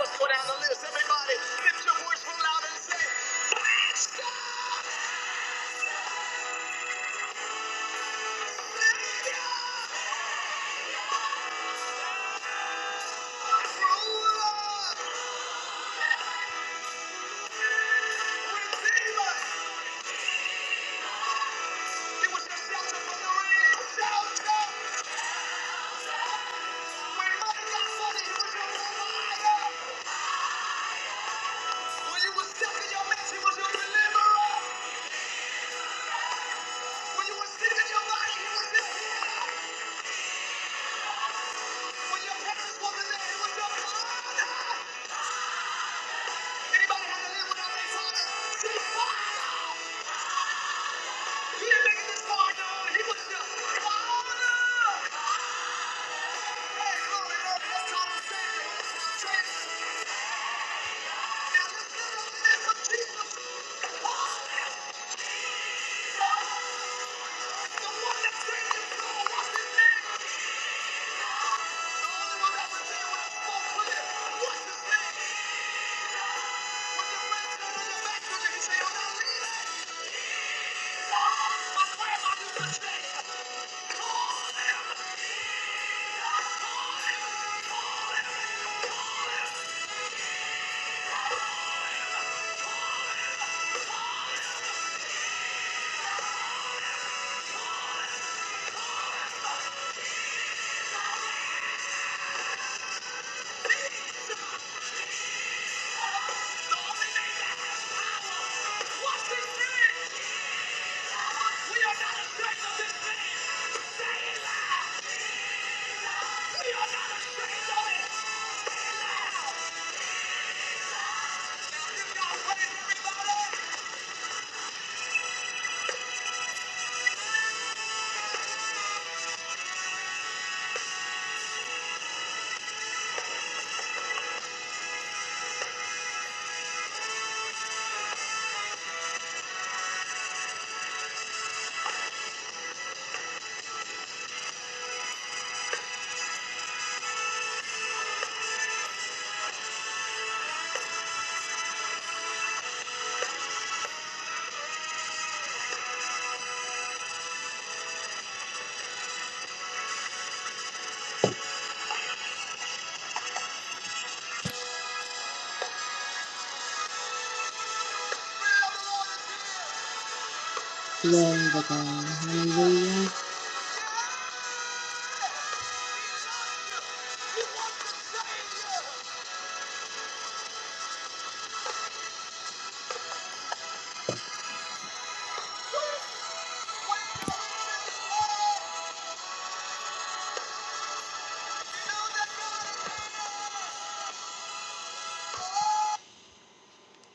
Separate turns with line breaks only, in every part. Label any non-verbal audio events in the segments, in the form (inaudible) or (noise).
Let's go down the list, everybody. Lift your voice real loud and say, he was the Thank you. We are not ashamed of it. We are not ashamed of it. Give God praise, everybody.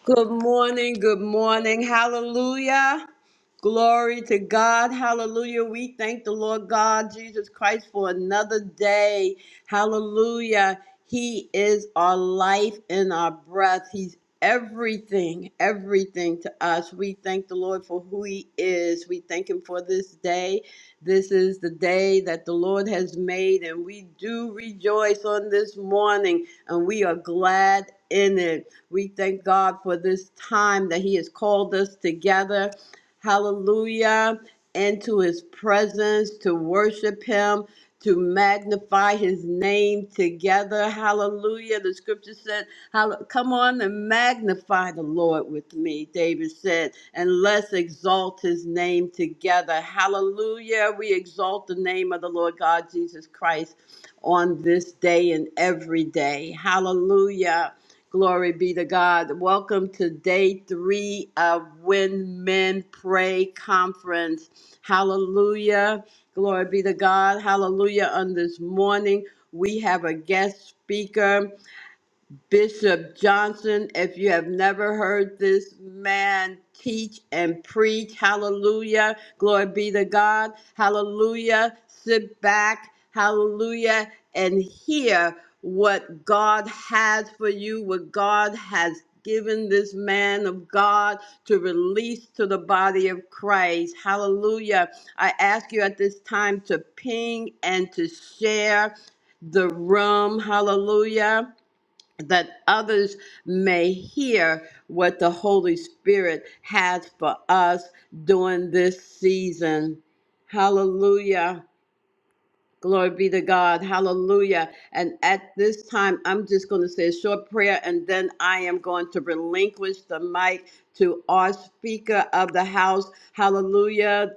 Good morning. Good morning. Hallelujah. Glory to God. Hallelujah. We thank the Lord God, Jesus Christ, for another day. Hallelujah. He is our life and our breath. He's everything, everything to us. We thank the Lord for who He is. We thank Him for this day. This is the day that the Lord has made, and we do rejoice on this morning, and we are glad in it. We thank God for this time that He has called us together. Hallelujah. Into His presence to worship Him, to magnify His name together. Hallelujah. The scripture said, Hall- Come on and magnify the Lord with me, David said, and let's exalt His name together. Hallelujah. We exalt the name of the Lord God Jesus Christ on this day and every day. Hallelujah. Glory be to God. Welcome to day three of When Men Pray Conference. Hallelujah. Glory be to God. Hallelujah. On this morning, we have a guest speaker. Bishop Johnson, if you have never heard this man teach and preach, hallelujah. Glory be to God. Hallelujah. Sit back. Hallelujah. And hear what God has for you, what God has given this man of God to release to the body of Christ. Hallelujah. I ask you at this time to ping and to share the room. Hallelujah that others may hear what the Holy Spirit has for us during this season. Hallelujah. Glory be to God. Hallelujah. And at this time, I'm just going to say a short prayer and then I am going to relinquish the mic to our Speaker of the House. Hallelujah.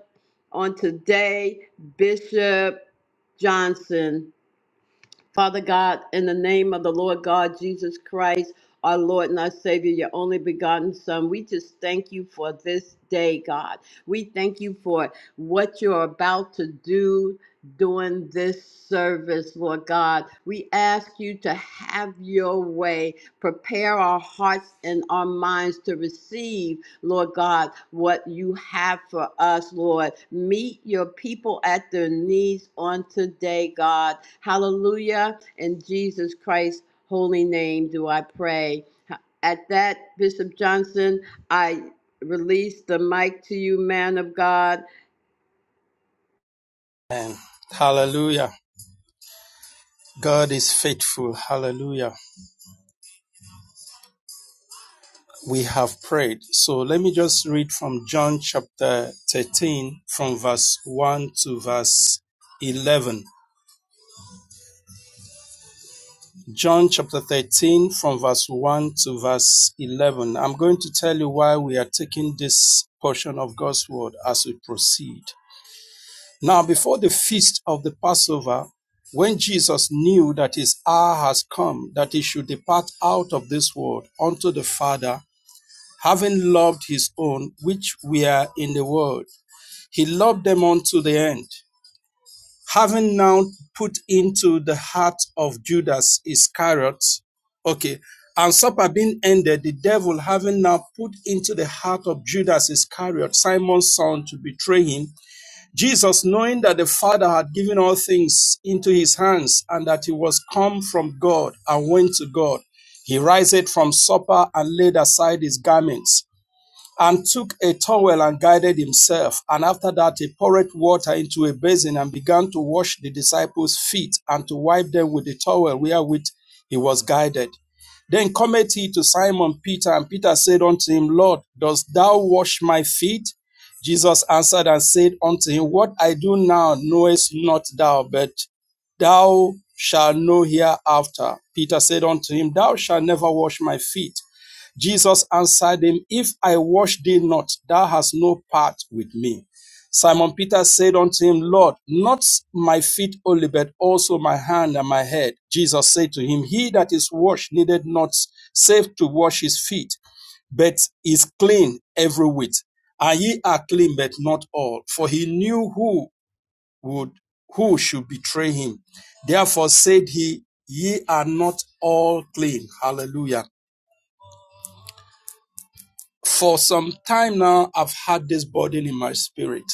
On today, Bishop Johnson. Father God, in the name of the Lord God Jesus Christ, our Lord and our Savior, your only begotten Son, we just thank you for this day, God. We thank you for what you're about to do during this service, Lord God. We ask you to have your way, prepare our hearts and our minds to receive. Lord God, what you have for us, Lord. Meet your people at their needs on today, God. Hallelujah. In Jesus Christ's holy name do I pray. At that, Bishop Johnson, I release the mic to you, man of God.
Amen. Hallelujah. God is faithful. Hallelujah. We have prayed. So let me just read from John chapter 13, from verse 1 to verse 11. John chapter 13, from verse 1 to verse 11. I'm going to tell you why we are taking this portion of God's word as we proceed. Now, before the feast of the Passover, when Jesus knew that his hour has come, that he should depart out of this world unto the Father, having loved his own which were in the world, he loved them unto the end. Having now put into the heart of Judas Iscariot, okay, and supper being ended, the devil having now put into the heart of Judas Iscariot, Simon's son, to betray him, Jesus, knowing that the Father had given all things into his hands and that he was come from God and went to God, he riseth from supper and laid aside his garments and took a towel and guided himself. And after that, he poured water into a basin and began to wash the disciples' feet and to wipe them with the towel wherewith he was guided. Then cometh he to Simon Peter, and Peter said unto him, Lord, dost thou wash my feet? Jesus answered and said unto him, What I do now knowest not thou, but thou shalt know hereafter. Peter said unto him, Thou shalt never wash my feet. Jesus answered him, If I wash thee not, thou hast no part with me. Simon Peter said unto him, Lord, not my feet only, but also my hand and my head. Jesus said to him, He that is washed needed not save to wash his feet, but is clean every whit. And ye are clean, but not all. For he knew who would who should betray him. Therefore said he, Ye are not all clean. Hallelujah. For some time now, I've had this burden in my spirit,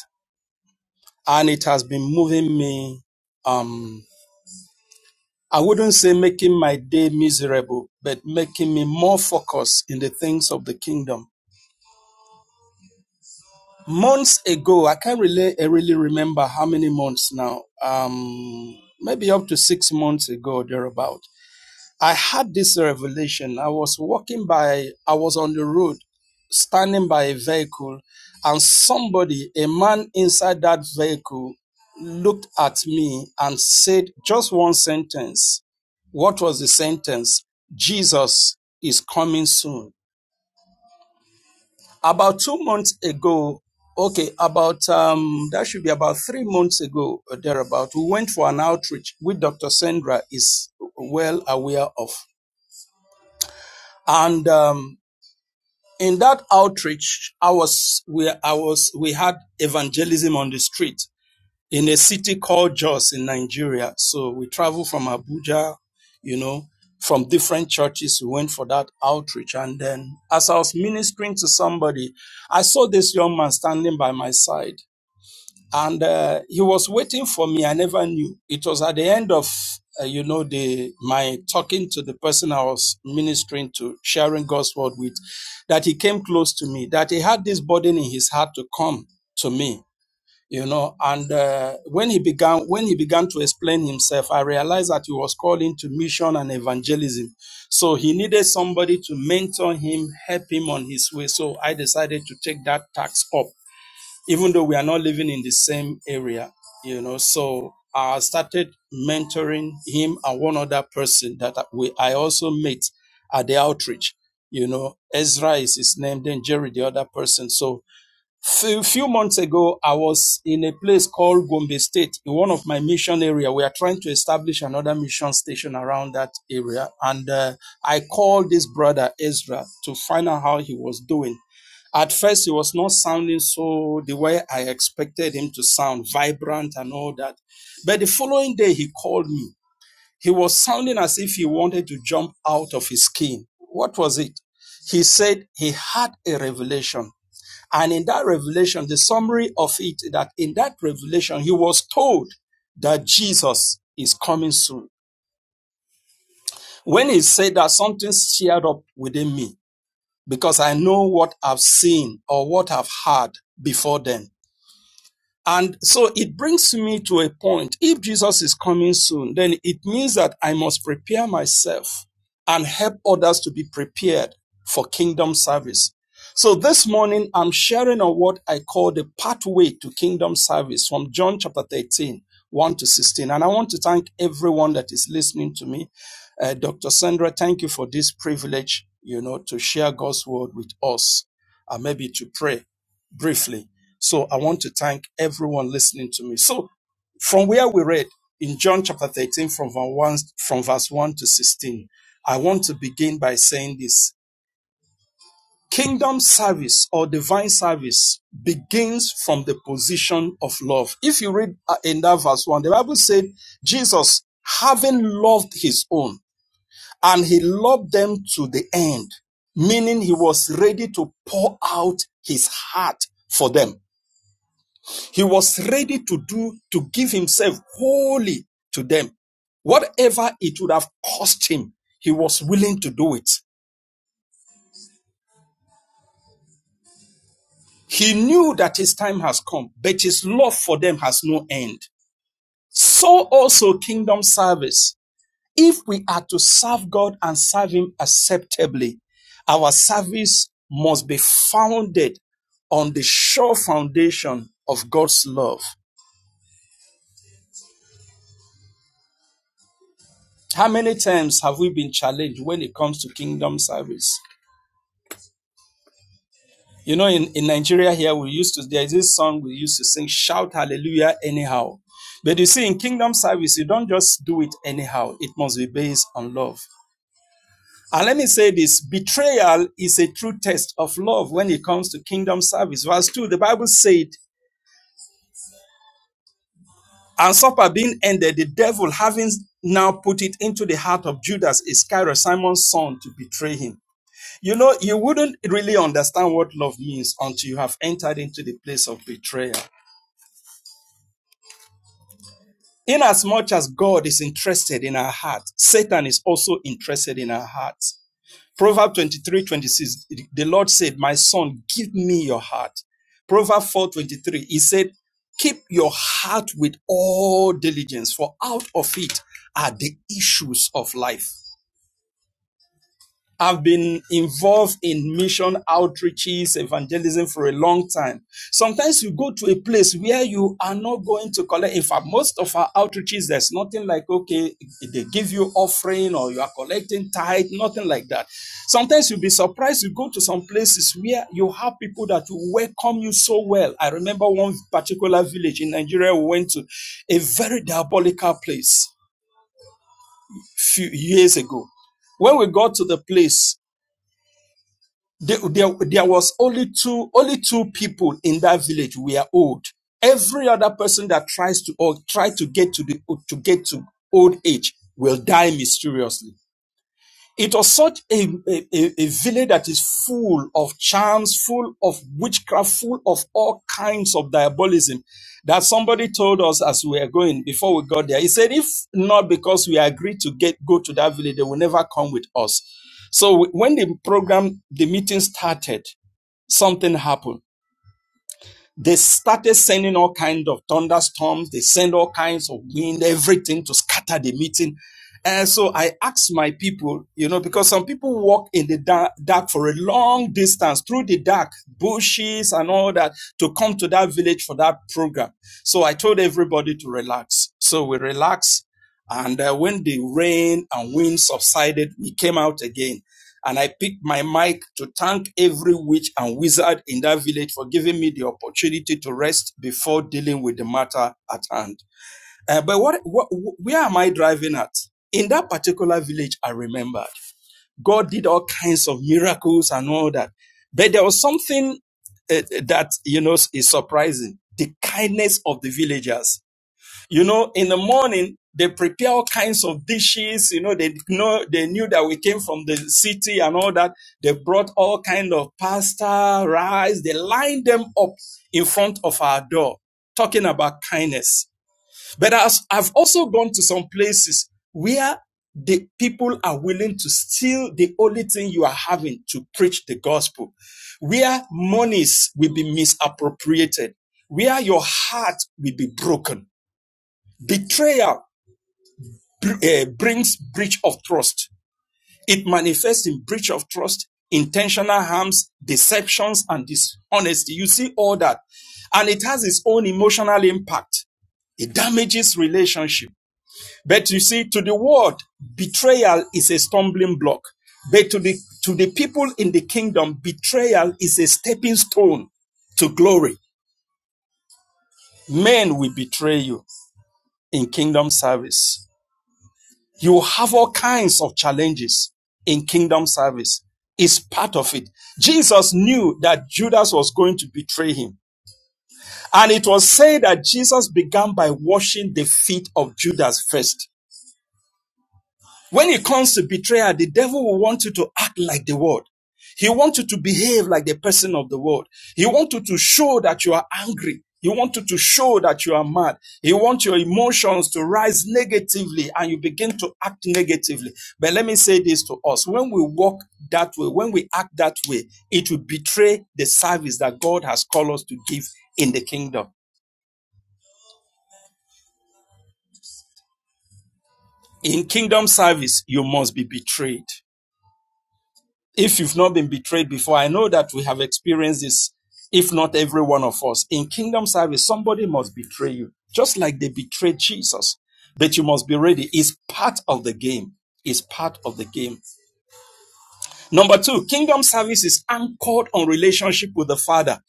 and it has been moving me. Um, I wouldn't say making my day miserable, but making me more focused in the things of the kingdom. Months ago, I can't really, I really remember how many months now. Um, maybe up to six months ago, thereabout. I had this revelation. I was walking by, I was on the road, standing by a vehicle, and somebody, a man inside that vehicle, looked at me and said just one sentence. What was the sentence? Jesus is coming soon. About two months ago, okay, about, um, that should be about three months ago, or therebaut, we went for an outreach, which Dr. Sandra is well aware of. And, um, in that outreach, I was we I was we had evangelism on the street in a city called Jos in Nigeria. So we traveled from Abuja, you know, from different churches. We went for that outreach, and then as I was ministering to somebody, I saw this young man standing by my side and uh, he was waiting for me. I never knew. It was at the end of uh, you know the my talking to the person I was ministering to, sharing God's word with, that he came close to me. That he had this burden in his heart to come to me. You know, and uh, when he began when he began to explain himself, I realized that he was called into mission and evangelism. So he needed somebody to mentor him, help him on his way. So I decided to take that task up even though we are not living in the same area, you know. So I started mentoring him and one other person that we I also met at the outreach. You know, Ezra is his name, then Jerry, the other person. So few few months ago, I was in a place called Gombe State, in one of my mission area. We are trying to establish another mission station around that area, and uh, I called this brother Ezra to find out how he was doing at first, he was not sounding so the way I expected him to sound, vibrant and all that. But the following day, he called me. He was sounding as if he wanted to jump out of his skin. What was it? He said he had a revelation. And in that revelation, the summary of it, that in that revelation, he was told that Jesus is coming soon. When he said that, something stirred up within me because I know what I've seen or what I've heard before then. And so it brings me to a point. If Jesus is coming soon, then it means that I must prepare myself and help others to be prepared for kingdom service. So this morning, I'm sharing on what I call the pathway to kingdom service from John chapter 13, 1 to 16. And I want to thank everyone that is listening to me. Uh, Dr. Sandra, thank you for this privilege, you know, to share God's word with us and maybe to pray briefly. So I want to thank everyone listening to me. So from where we read in John chapter 13 from verse 1, from verse 1 to 16, I want to begin by saying this. Kingdom service or divine service begins from the position of love. If you read uh, in that verse 1, the Bible said Jesus, having loved his own, and he loved them to the end, meaning he was ready to pour out his heart for them. He was ready to do, to give himself wholly to them. Whatever it would have cost him, he was willing to do it. He knew that his time has come, but his love for them has no end. So also kingdom service. If we are to serve God and serve him acceptably, our service must be founded on the sure foundation of God's love. How many times have we been challenged when it comes to kingdom service? You know, in, in Nigeria here, we used to, there is this song we used to sing, shout hallelujah anyhow. But you see, in kingdom service, you don't just do it anyhow. It must be based on love. And let me say this, betrayal is a true test of love when it comes to kingdom service. Verse 2, the Bible said, and supper being ended, the devil having now put it into the heart of Judas Iscariot, Simon's son, to betray him. You know, you wouldn't really understand what love means until you have entered into the place of betrayal. Inasmuch as God is interested in our hearts, Satan is also interested in our hearts. Proverb 23, 26, the Lord said, My son, give me your heart. Proverb 4 23, he said, Keep your heart with all diligence, for out of it are the issues of life. I've been involved in mission outreaches, evangelism for a long time. Sometimes you go to a place where you are not going to collect. In fact, most of our outreaches, there's nothing like, okay, they give you offering or you are collecting tithe, nothing like that. Sometimes you'll be surprised. You go to some places where you have people that welcome you so well. I remember one particular village in Nigeria we went to, a very diabolical place a few years ago. When we got to the place, there, there, there was only two only two people in that village were old. Every other person that tries to or try to get to the to get to old age will die mysteriously. It was such a, a, a village that is full of charms, full of witchcraft, full of all kinds of diabolism that somebody told us as we were going before we got there. He said, if not because we agreed to get go to that village, they will never come with us. So when the program, the meeting started, something happened they started sending all kinds of thunderstorms. They send all kinds of wind, everything to scatter the meeting. And so I asked my people, you know, because some people walk in the dark, dark for a long distance through the dark bushes and all that to come to that village for that program. So I told everybody to relax. So we relaxed. And uh, when the rain and wind subsided, we came out again and I picked my mic to thank every witch and wizard in that village for giving me the opportunity to rest before dealing with the matter at hand. Uh, but what, what, where am I driving at? In that particular village, I remembered God did all kinds of miracles and all that. But there was something uh, that, you know, is surprising the kindness of the villagers you know, in the morning, they prepare all kinds of dishes. You know, they know, they knew that we came from the city and all that. They brought all kind of pasta, rice. They lined them up in front of our door, talking about kindness. But as I've also gone to some places where the people are willing to steal the only thing you are having to preach the gospel, where monies will be misappropriated, where your heart will be broken Betrayal uh, brings breach of trust. It manifests in breach of trust, intentional harms, deceptions, and dishonesty. You see all that. And it has its own emotional impact. It damages relationship. But you see, to the world, betrayal is a stumbling block. But to the, to the people in the kingdom, betrayal is a stepping stone to glory. Men will betray you in kingdom service You will have all kinds of challenges in kingdom service. It's part of it. Jesus knew that Judas was going to betray him. And it was said that Jesus began by washing the feet of Judas first. When it comes to betrayal, the devil will want you to act like the world. He wants you to behave like the person of the world. He wants you to show that you are angry. He wants you to show that you are mad. He wants your emotions to rise negatively and you begin to act negatively. But let me say this to us. When we walk that way, when we act that way, it will betray the service that God has called us to give in the kingdom. In kingdom service, you must be betrayed. If you've not been betrayed before, I know that we have experienced this, if not every one of us. In kingdom service, somebody must betray you, just like they betrayed Jesus. But you must be ready. It's part of the game. It's part of the game. Number two, kingdom service is anchored on relationship with the Father.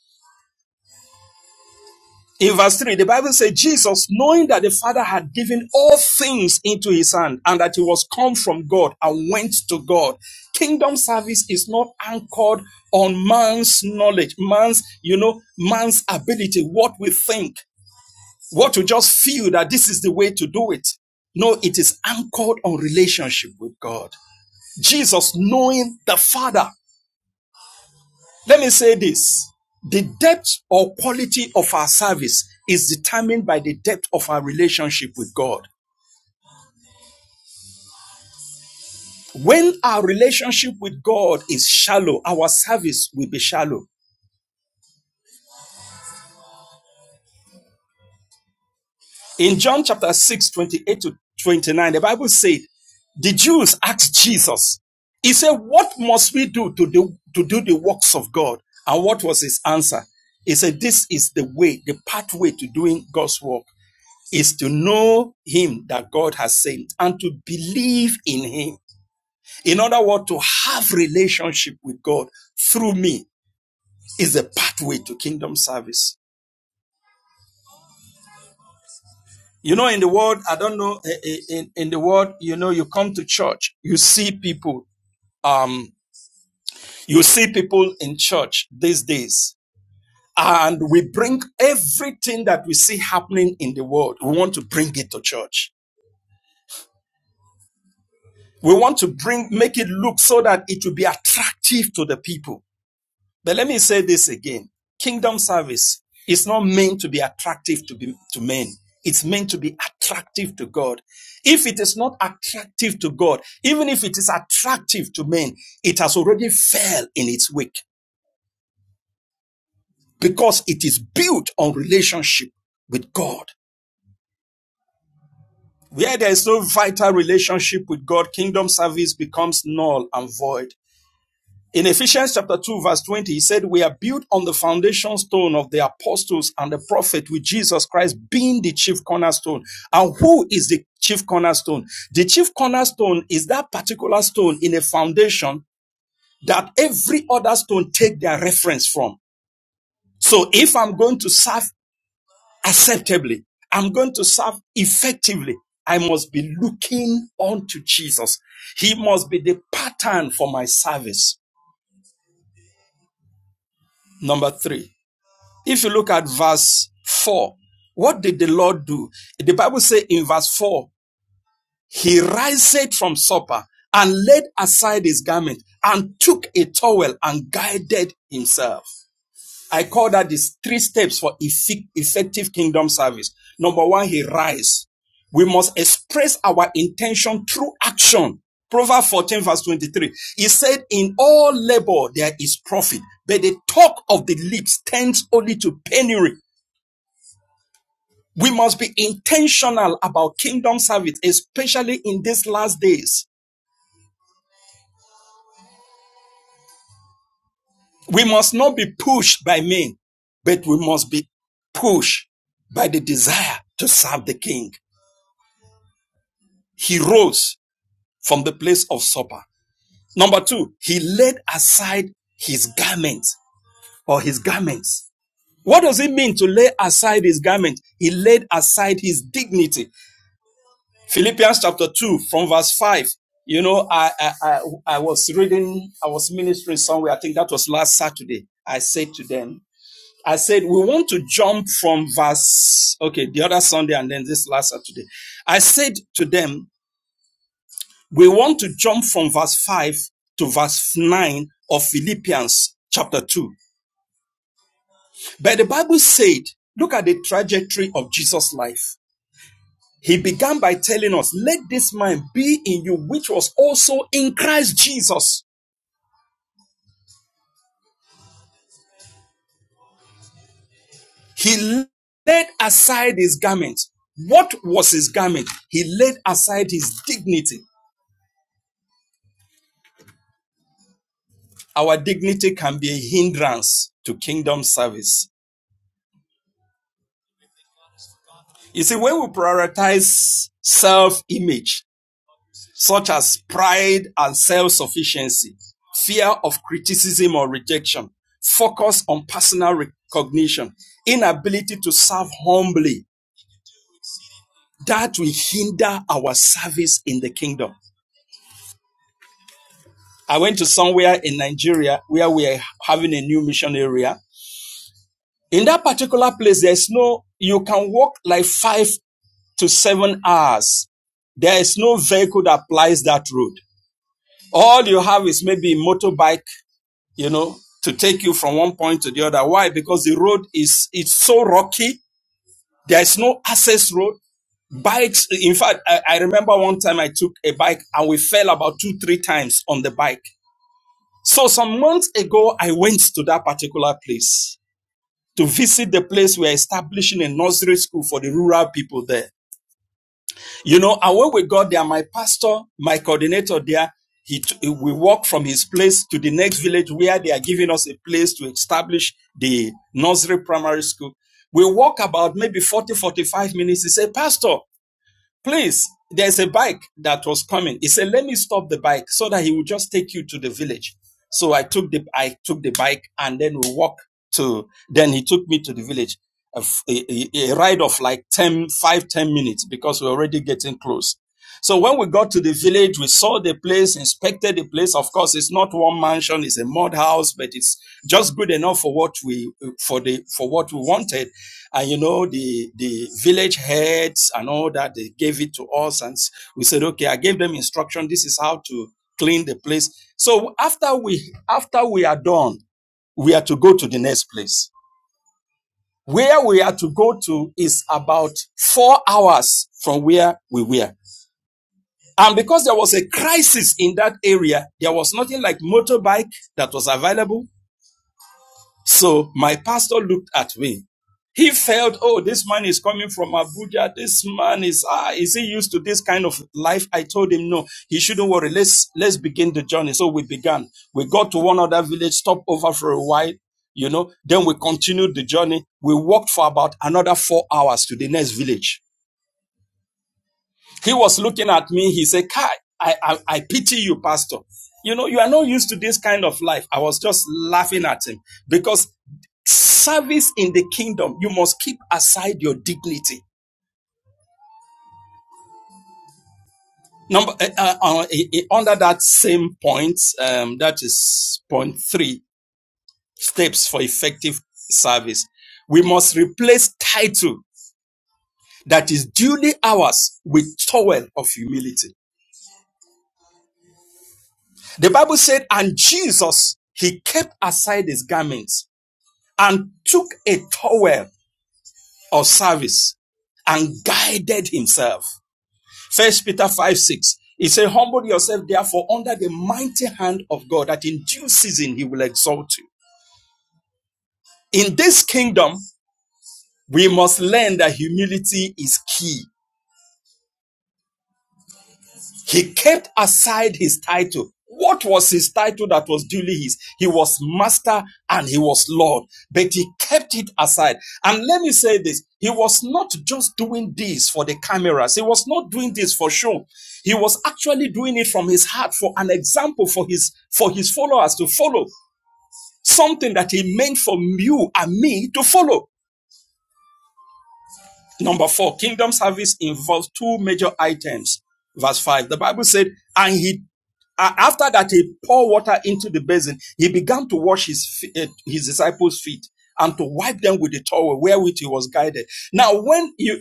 In verse 3, the Bible says, Jesus, knowing that the Father had given all things into his hand and that he was come from God and went to God. Kingdom service is not anchored on man's knowledge, man's, you know, man's ability, what we think, what we just feel that this is the way to do it. No, it is anchored on relationship with God. Jesus, knowing the Father. Let me say this. The depth or quality of our service is determined by the depth of our relationship with God. When our relationship with God is shallow, our service will be shallow. In John chapter 6, 28 to 29, the Bible said, the Jews asked Jesus, he said, what must we do to do, to do the works of God? And what was his answer? He said, this is the way, the pathway to doing God's work. is to know him that God has sent and to believe in him. In other words, to have relationship with God through me is the pathway to kingdom service. You know, in the world, I don't know, eh, eh, in, in the world, you know, you come to church, you see people, um, you see people in church these days, and we bring everything that we see happening in the world, we want to bring it to church. We want to bring, make it look so that it will be attractive to the people. But let me say this again. Kingdom service is not meant to be attractive to, be, to men. It's meant to be attractive to God. If it is not attractive to God, even if it is attractive to men, it has already failed in its wake because it is built on relationship with God. Where there is no vital relationship with God, kingdom service becomes null and void. In Ephesians chapter 2 verse 20, he said, we are built on the foundation stone of the apostles and the prophet with Jesus Christ being the chief cornerstone. And who is the chief cornerstone? The chief cornerstone is that particular stone in a foundation that every other stone take their reference from. So if I'm going to serve acceptably, I'm going to serve effectively, I must be looking unto Jesus. He must be the pattern for my service. Number three. If you look at verse 4, what did the Lord do? The Bible says in verse 4, he riseth from supper and laid aside his garment and took a towel and guided himself. I call that the three steps for effective kingdom service. Number one, he rise. We must express our intention through action. Proverbs 14 verse 23. He said, in all labor there is profit, but the talk of the lips tends only to penury. We must be intentional about kingdom service, especially in these last days. We must not be pushed by men, but we must be pushed by the desire to serve the king. He rose from the place of supper. Number two, he laid aside his garments or his garments. What does it mean to lay aside his garment? He laid aside his dignity. Philippians chapter 2 from verse 5. You know, I, I, I, I was reading, I was ministering somewhere. I think that was last Saturday. I said to them, I said, we want to jump from verse, okay, the other Sunday and then this last Saturday. I said to them, we want to jump from verse 5 to verse 9 of Philippians chapter 2. But the Bible said, look at the trajectory of Jesus' life. He began by telling us, let this mind be in you, which was also in Christ Jesus. He laid aside his garment. What was his garment? He laid aside his dignity. Our dignity can be a hindrance to kingdom service. You see, when we prioritize self-image, such as pride and self-sufficiency, fear of criticism or rejection, focus on personal recognition, inability to serve humbly, that will hinder our service in the kingdom. I went to somewhere in Nigeria where we are having a new mission area. In that particular place, there's no, you can walk like five to seven hours. There is no vehicle that applies that road. All you have is maybe a motorbike, you know, to take you from one point to the other. Why? Because the road is, it's so rocky. There is no access road. Bikes, in fact, I, I remember one time I took a bike and we fell about two, three times on the bike. So some months ago, I went to that particular place to visit the place we're establishing a nursery school for the rural people there. You know, and when we got there, my pastor, my coordinator there, he t- we walk from his place to the next village where they are giving us a place to establish the nursery primary school. We walk about maybe 40, 45 minutes. He said, Pastor, Please, there's a bike that was coming. He said, Let me stop the bike so that he will just take you to the village. So I took the I took the bike and then we walked to then he took me to the village. A a, a ride of like 10, 5, 10 minutes because we're already getting close. So when we got to the village, we saw the place, inspected the place. Of course, it's not one mansion, it's a mud house, but it's just good enough for what we for the for what we wanted and you know, the, the village heads and all that, they gave it to us. And we said, okay, I gave them instruction. This is how to clean the place. So after we, after we are done, we are to go to the next place. Where we are to go to is about four hours from where we were. And because there was a crisis in that area, there was nothing like motorbike that was available. So my pastor looked at me. He felt, oh, this man is coming from Abuja. This man is, ah, is he used to this kind of life? I told him, no, he shouldn't worry. Let's, let's begin the journey. So we began. We got to one other village, stopped over for a while, you know, then we continued the journey. We walked for about another four hours to the next village. He was looking at me. He said, Kai, I, I, I pity you, Pastor. You know, you are not used to this kind of life. I was just laughing at him because service in the kingdom, you must keep aside your dignity. Number uh, uh, uh, eh, eh, under that same point, um, that is point three steps for effective service. We must replace title that is duly ours with towel of humility. The Bible said, and Jesus, he kept aside his garments and took a towel of service and guided himself. First Peter 5 6. He said, Humble yourself therefore under the mighty hand of God, that in due season he will exalt you. In this kingdom, we must learn that humility is key. He kept aside his title. What was his title that was duly his? He was master and he was Lord, but he kept it aside. And let me say this he was not just doing this for the cameras, he was not doing this for show. He was actually doing it from his heart for an example for his, for his followers to follow, something that he meant for you and me to follow. Number four, kingdom service involves two major items verse 5 the bible said and he A- after that he poured water into the basin he began to wash his fe- eh, his disciples feet and to wipe them with the towel wherewith he was guided now when you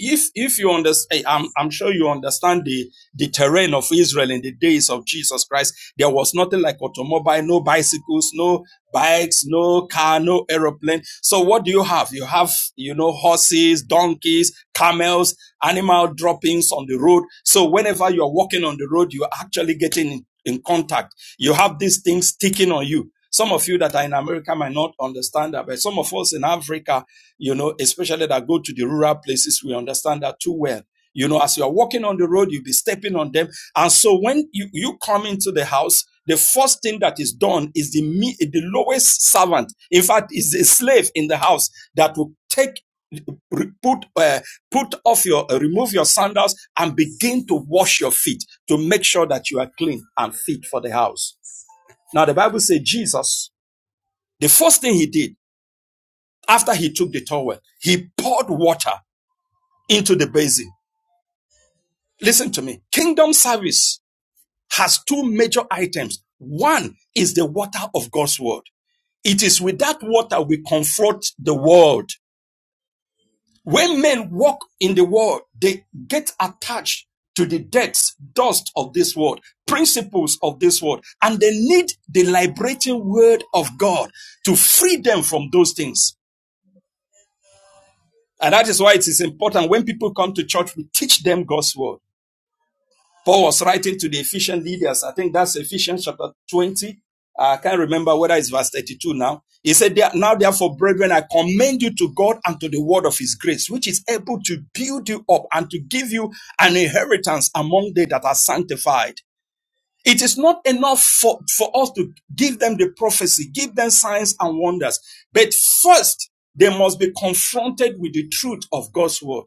if if you understand I'm, I'm sure you understand the the terrain of israel in the days of jesus christ there was nothing like automobile no bicycles no bikes no car no aeroplane so what do you have you have you know horses donkeys camels animal droppings on the road. So whenever you're walking on the road, you're actually getting in, contact. You have these things sticking on you. Some of you that are in America might not understand that, but some of us in Africa, you know, especially that go to the rural places, we understand that too well. You know, as you are walking on the road, you'll be stepping on them. And so when you, you come into the house, the first thing that is done is the the lowest servant. In fact, is a slave in the house that will take put uh, put off your uh, remove your sandals and begin to wash your feet to make sure that you are clean and fit for the house now the bible says jesus the first thing he did after he took the towel he poured water into the basin listen to me kingdom service has two major items one is the water of god's word it is with that water we confront the world When men walk in the world, they get attached to the debts, dust of this world, principles of this world, and they need the liberating word of God to free them from those things. And that is why it is important when people come to church, we teach them God's word. Paul was writing to the Ephesian leaders. I think that's Ephesians chapter 20. I can't remember whether it's verse 32 now. He said, "There- Now therefore, brethren, I commend you to God and to the word of his grace, which is able to build you up and to give you an inheritance among they that are sanctified. It is not enough for, for us to give them the prophecy, give them signs and wonders. But first, they must be confronted with the truth of God's word.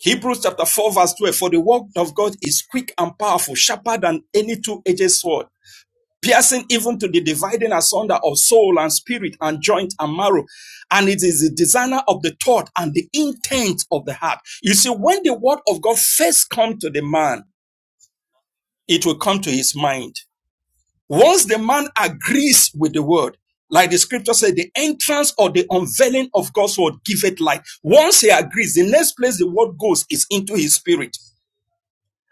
Hebrews chapter 4 verse 12, for the word of God is quick and powerful, sharper than any two-edged sword, piercing even to the dividing asunder of soul and spirit and joint and marrow. And it is the designer of the thought and the intent of the heart. You see, when the word of God first comes to the man, it will come to his mind. Once the man agrees with the word, like the scripture said, the entrance or the unveiling of God's word giveth light. Once he agrees, the next place the word goes is into his spirit.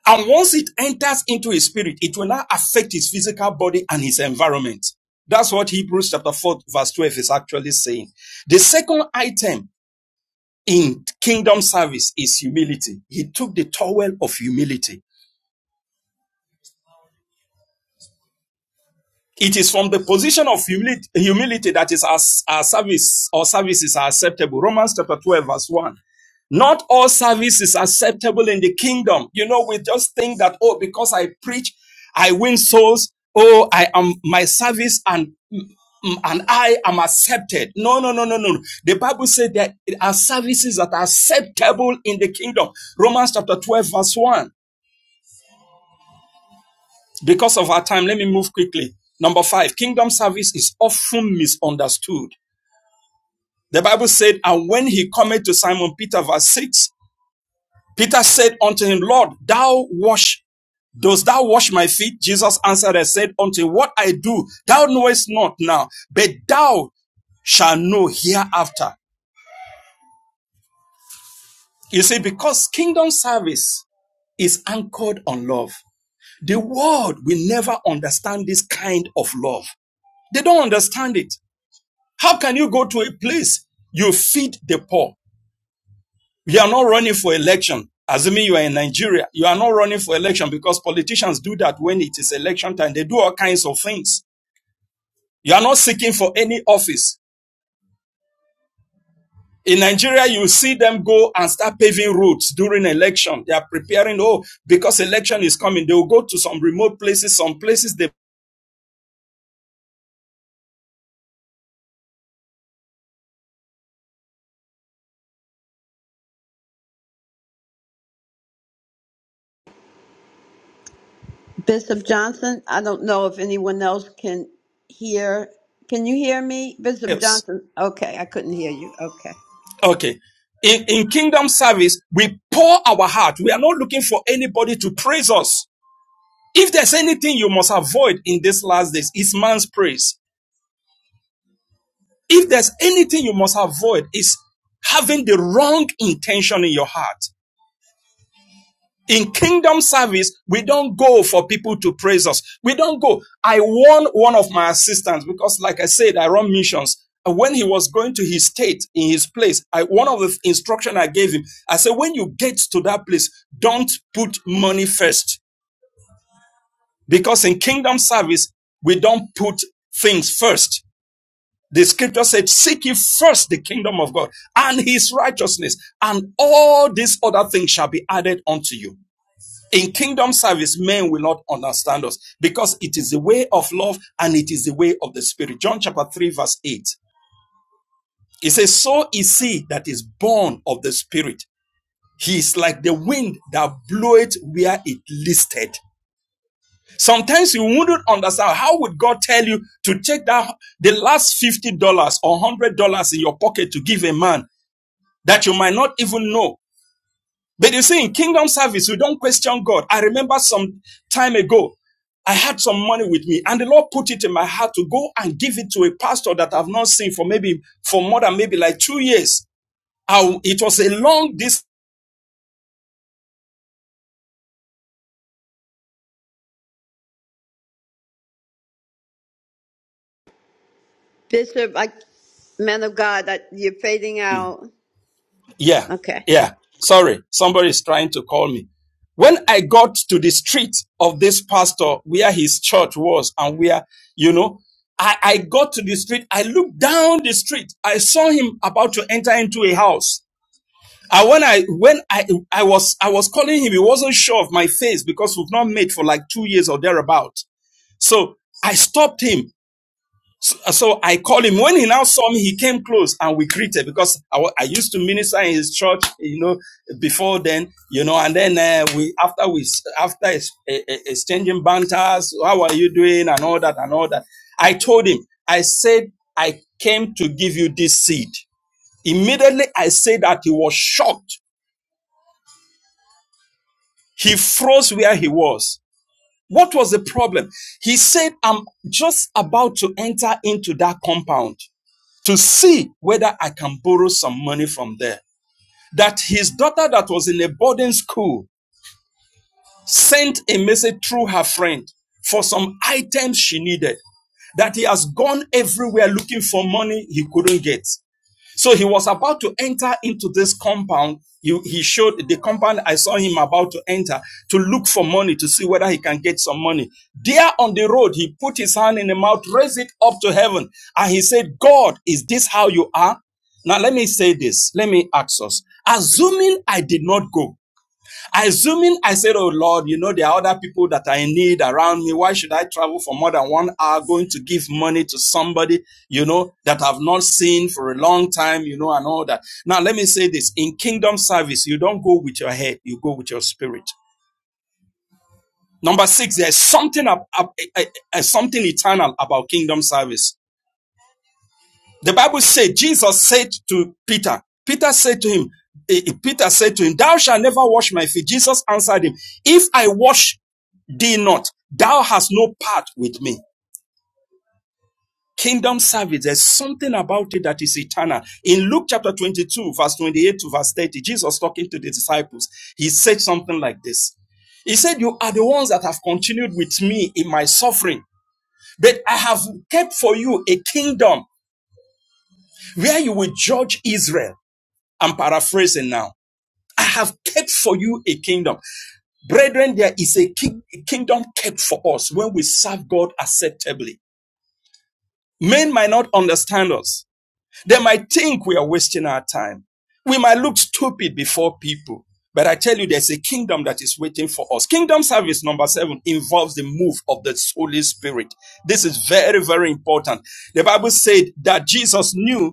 And once it enters into his spirit, it will now affect his physical body and his environment. That's what Hebrews chapter 4 verse 12 is actually saying. The second item in kingdom service is humility. He took the towel of humility. It is from the position of humility, humility that is our, our service or services are acceptable. Romans chapter 12, verse 1. Not all service is acceptable in the kingdom. You know, we just think that, oh, because I preach, I win souls. Oh, I am my service and mm, mm, and I am accepted. No, no, no, no, no. The Bible said that there are services that are acceptable in the kingdom. Romans chapter 12, verse 1. Because of our time, let me move quickly. Number five, kingdom service is often misunderstood. The Bible said, And when he cometh to Simon Peter, verse 6, Peter said unto him, Lord, thou wash, dost thou wash my feet? Jesus answered and said unto him, What I do, thou knowest not now, but thou shalt know hereafter. You see, because kingdom service is anchored on love. The world will never understand this kind of love. They don't understand it. How can you go to a place you feed the poor? You are not running for election. Assuming you are in Nigeria, you are not running for election because politicians do that when it is election time. They do all kinds of things. You are not seeking for any office. In Nigeria, you see them go and start paving roads during election. They are preparing, oh, because election is coming. They will go to some remote places, some places they
Bishop Johnson, I don't know if anyone else can hear. Can you hear me, Bishop
else.
Johnson? Okay, I couldn't hear you. Okay.
Okay. In, in kingdom service, we pour our heart. We are not looking for anybody to praise us. If there's anything you must avoid in these last days, it's man's praise. If there's anything you must avoid, it's having the wrong intention in your heart. In kingdom service, we don't go for people to praise us. We don't go. I warned one of my assistants because, like I said, I run missions. When he was going to his state in his place, I, one of the instruction I gave him, I said, when you get to that place, don't put money first. Because in kingdom service, we don't put things first. The scripture said, seek ye first the kingdom of God and his righteousness and all these other things shall be added unto you. In kingdom service, men will not understand us because it is the way of love and it is the way of the spirit. John chapter 3 verse 8. It says, so is he that is born of the spirit. He is like the wind that bloweth where it listed. Sometimes you wouldn't understand how would God tell you to take that the last fifty dollars or one hundred dollars in your pocket to give a man that you might not even know. But you see, in kingdom service, we don't question God. I remember some time ago, I had some money with me, and the Lord put it in my heart to go and give it to a pastor that I've not seen for maybe for more than maybe like two years. I, it was a long distance.
Bishop, I, man of God, I, you're fading out.
Yeah,
Okay.
yeah. Sorry, somebody is trying to call me. When I got to the street of this pastor where his church was and where, you know, I, I got to the street, I looked down the street, I saw him about to enter into a house. And when I when I I was I was calling him, he wasn't sure of my face because we've not met for like two years or thereabout. So I stopped him so, so I called him. When he now saw me, he came close and we greeted because I, wa- I used to minister in his church, you know, before then, you know, and then uh, we after we s- after ex- e- e- exchanging banters, how are you doing and all that and all that. I told him, I said, I came to give you this seed. Immediately, I said that he was shocked. He froze where he was. What was the problem? He said, I'm just about to enter into that compound. to see whether I can borrow some money from there. That his daughter, that was in a boarding school, sent a message through her friend for some items she needed. That he has gone everywhere looking for money he couldn't get. So he was about to enter into this compound. He, he showed the compound I saw him about to enter to look for money to see whether he can get some money. There on the road, he put his hand in the mouth, raised it up to heaven, and he said, God, is this how you are? Now, let me say this. Let me ask us. Assuming I did not go, Assuming I said, Oh Lord, you know, there are other people that I need around me. Why should I travel for more than one hour going to give money to somebody, you know, that I've not seen for a long time, you know, and all that. Now, let me say this in kingdom service, you don't go with your head, you go with your spirit. Number six, there's something, ab- ab- eh, eh, eh, something eternal about kingdom service. The Bible said, Jesus said to Peter, Peter said to him, eh, eh, Peter said to him, Thou shalt never wash my feet. Jesus answered him, If I wash Thee not. Thou hast no part with me. Kingdom service, there's something about it that is eternal. In Luke chapter 22, verse 28 to verse 30, Jesus talking to the disciples, he said something like this. He said, You are the ones that have continued with me in my suffering, but I have kept for you a kingdom where you will judge Israel. I'm paraphrasing now. I have kept for you a kingdom. Brethren, there is a, king- a kingdom kept for us when we serve God acceptably. Men might not understand us. They might think we are wasting our time. We might look stupid before people. But I tell you, there's a kingdom that is waiting for us. Kingdom service number seven involves the move of the Holy Spirit. This is very, very important. The Bible said that Jesus knew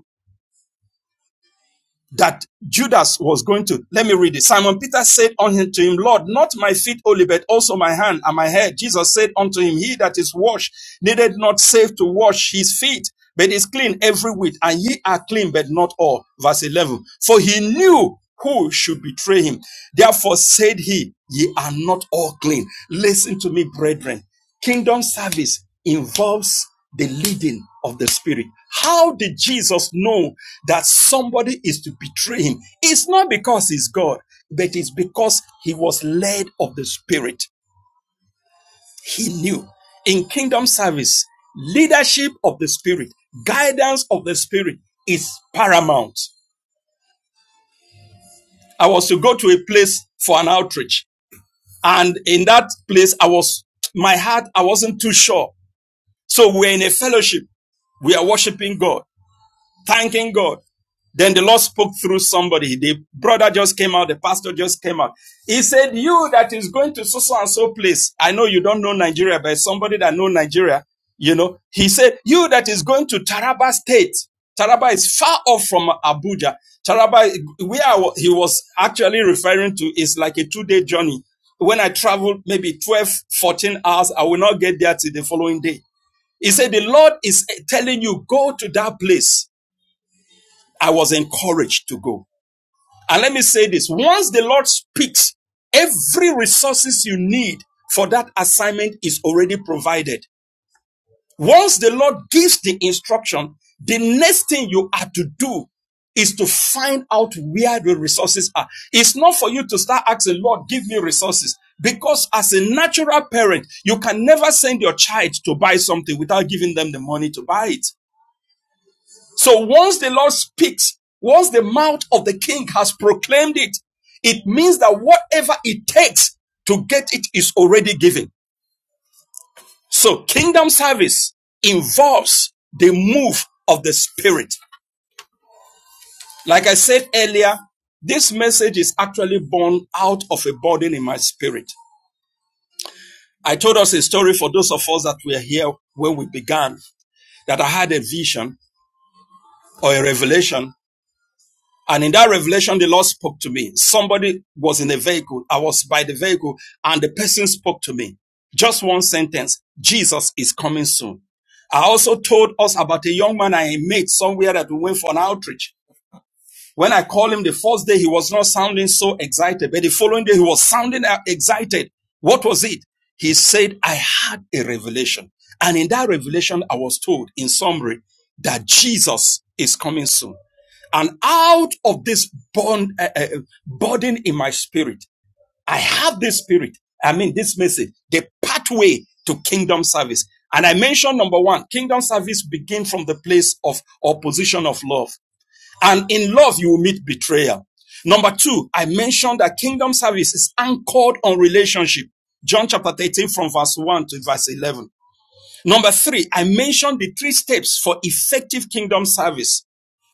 that Judas was going to. Let me read it. Simon Peter said unto him, Lord, not my feet only, but also my hand and my head. Jesus said unto him, He that is washed needed not save to wash his feet, but is clean every whit, and ye are clean, but not all. Verse 11. For he knew who should betray him. Therefore said he, Ye are not all clean. Listen to me, brethren. Kingdom service involves the leading of the Spirit. How did Jesus know that somebody is to betray him? It's not because he's God, but it's because he was led of the Spirit. He knew. In kingdom service, leadership of the Spirit, guidance of the Spirit is paramount. I was to go to a place for an outreach. And in that place, I was, my heart, I wasn't too sure. So we're in a fellowship. We are worshiping God. thanking God. Then the Lord spoke through somebody. The brother just came out. The pastor just came out. He said, you that is going to so, so and so place. I know you don't know Nigeria, but somebody that know Nigeria, you know, he said, you that is going to Taraba state. Taraba is far off from Abuja. Taraba, where he was actually referring to is like a two day journey. When I travel maybe 12, 14 hours, I will not get there till the following day. He said, the Lord is telling you, go to that place I was encouraged to go. And let me say this. Once the Lord speaks, every resources you need for that assignment is already provided. Once the Lord gives the instruction, the next thing you are to do is to find out where the resources are. It's not for you to start asking, Lord, give me resources. Because as a natural parent, you can never send your child to buy something without giving them the money to buy it. So once the Lord speaks, once the mouth of the king has proclaimed it, it means that whatever it takes to get it is already given. So kingdom service involves the move of the spirit. Like I said earlier, this message is actually born out of a burden in my spirit. I told us a story for those of us that were here when we began that I had a vision or a revelation And in that revelation, the Lord spoke to me. Somebody was in a vehicle. I was by the vehicle and the person spoke to me. Just one sentence. Jesus is coming soon. I also told us about a young man I met somewhere that we went for an outreach. When I called him the first day, he was not sounding so excited, but the following day he was sounding uh, excited. What was it? He said, I had a revelation. And in that revelation, I was told in summary that Jesus is coming soon. And out of this bond, uh, uh, burden in my spirit, I have this spirit. I mean, this message, the pathway to kingdom service. And I mentioned number one, kingdom service begins from the place of opposition of love. And in love, you will meet betrayal. Number two, I mentioned that kingdom service is anchored on relationship. John chapter 13 from verse 1 to verse 11. Number three, I mentioned the three steps for effective kingdom service.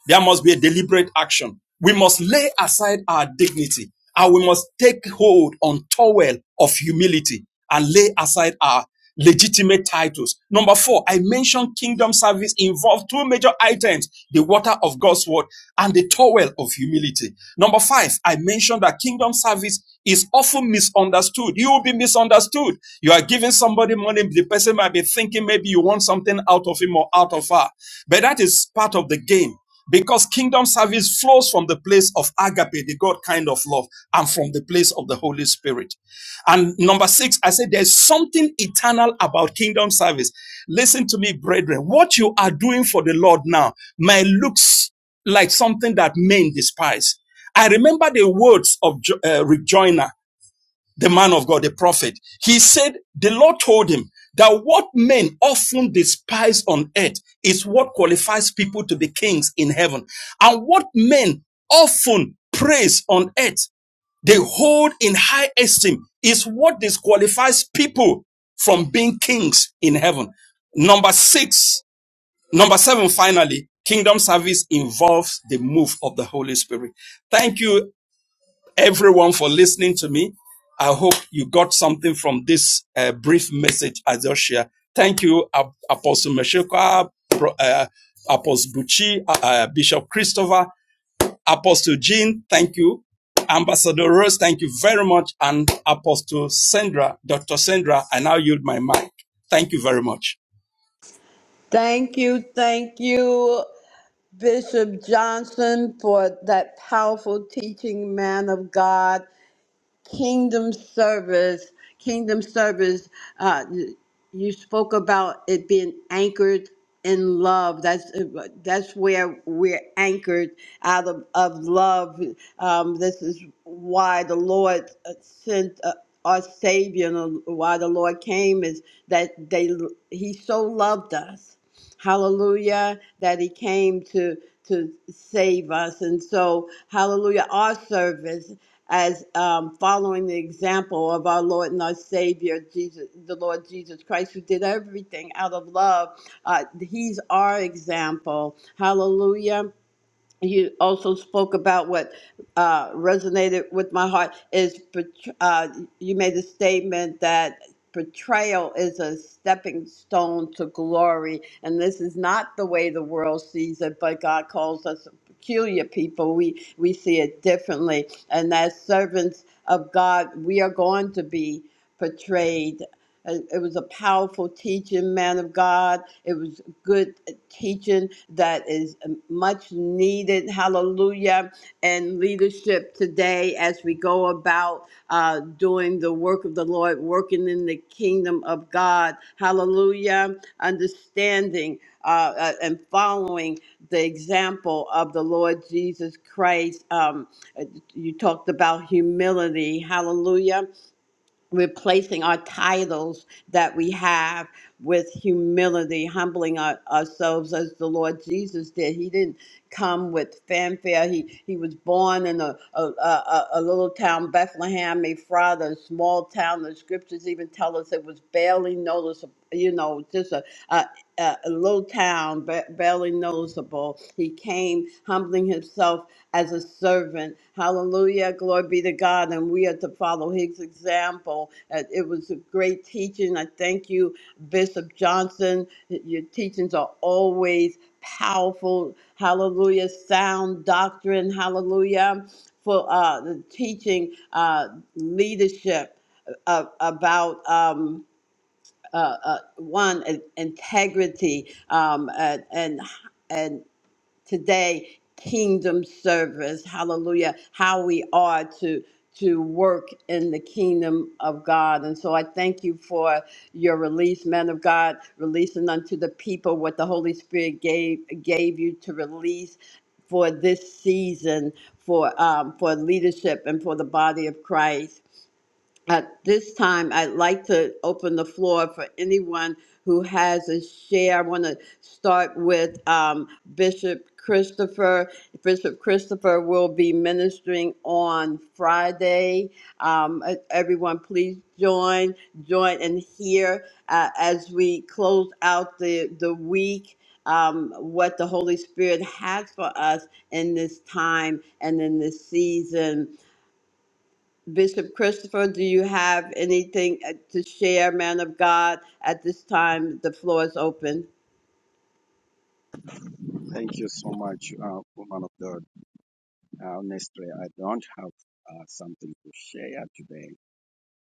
There must be a deliberate action. We must lay aside our dignity and we must take hold on towel of humility and lay aside our legitimate titles. Number four, I mentioned kingdom service involves two major items, the water of God's word and the towel of humility. Number five, I mentioned that kingdom service is often misunderstood. You will be misunderstood. You are giving somebody money. The person might be thinking maybe you want something out of him or out of her. But that is part of the game because kingdom service flows from the place of agape, the God kind of love, and from the place of the Holy Spirit. And number six, I said there's something eternal about kingdom service. Listen to me, brethren. What you are doing for the Lord now may looks like something that men despise. I remember the words of Jo- uh, Rick Joyner the man of God, the prophet, he said, the Lord told him that what men often despise on earth is what qualifies people to be kings in heaven. And what men often praise on earth, they hold in high esteem is what disqualifies people from being kings in heaven. Number six, number seven, finally, kingdom service involves the move of the Holy Spirit. Thank you, everyone for listening to me. I hope you got something from this uh, brief message I just shared. Thank you, Ap- Apostle Meshekwa, uh, Apostle Buchi, uh, uh, Bishop Christopher, Apostle Jean. Thank you. Ambassador Rose, thank you very much. And Apostle Sandra, Dr. Sandra, I now yield my mic. Thank you very much.
Thank you, thank you, Bishop Johnson, for that powerful teaching, man of God. kingdom service kingdom service uh, you spoke about it being anchored in love that's that's where we're anchored out of, of love um, this is why the lord sent uh, our savior and uh, why the lord came is that they he so loved us hallelujah that he came to to save us and so hallelujah our service as um, following the example of our Lord and our Savior, Jesus, the Lord Jesus Christ, who did everything out of love. Uh, he's our example. Hallelujah you also spoke about what uh, resonated with my heart is betr- uh, you made a statement that betrayal is a stepping stone to glory and this is not the way the world sees it but god calls us a peculiar people we we see it differently and as servants of god we are going to be betrayed Uh, it was a powerful teaching man of god it was good teaching that is um, much needed. Hallelujah. And leadership today as we go about uh, doing the work of the Lord, working in the kingdom of God. Hallelujah. Understanding uh, uh, and following the example of the Lord Jesus Christ. Um, uh, you talked about humility. Hallelujah replacing our titles that we have with humility, humbling our, ourselves as the Lord Jesus did. He didn't come with fanfare. He he was born in a a, a, a a little town, Bethlehem, Ephrata, a small town. The scriptures even tell us it was barely noticeable, you know, just a, a a a little town, ba- barely noticeable. He came humbling himself as a servant. Hallelujah. Glory be to God. And we are to follow his example. Uh, It was a great teaching. I thank you, Bishop Johnson. Your teachings are always powerful. Hallelujah. Sound doctrine. Hallelujah. For uh, the teaching uh, leadership uh, about. Um, uh, uh, one in- integrity um, and and and today kingdom service hallelujah how we are to to work in the kingdom of god and so i thank you for your release man of god releasing unto the people what the holy spirit gave gave you to release for this season for um, for leadership and for the body of christ at this time, I'd like to open the floor for anyone who has a share. I want to start with um, Bishop Christopher. Bishop Christopher will be ministering on Friday. Um, e- everyone, please join, join and hear uh, as we close out the, the week. Um, what the Holy Spirit has for us in this time and in this season. Bishop Christopher, do you have anything uh, to share, man of God? At this time, the floor is open.
Thank you so much, uh, woman of God. Uh, honestly, I don't have uh, something to share today.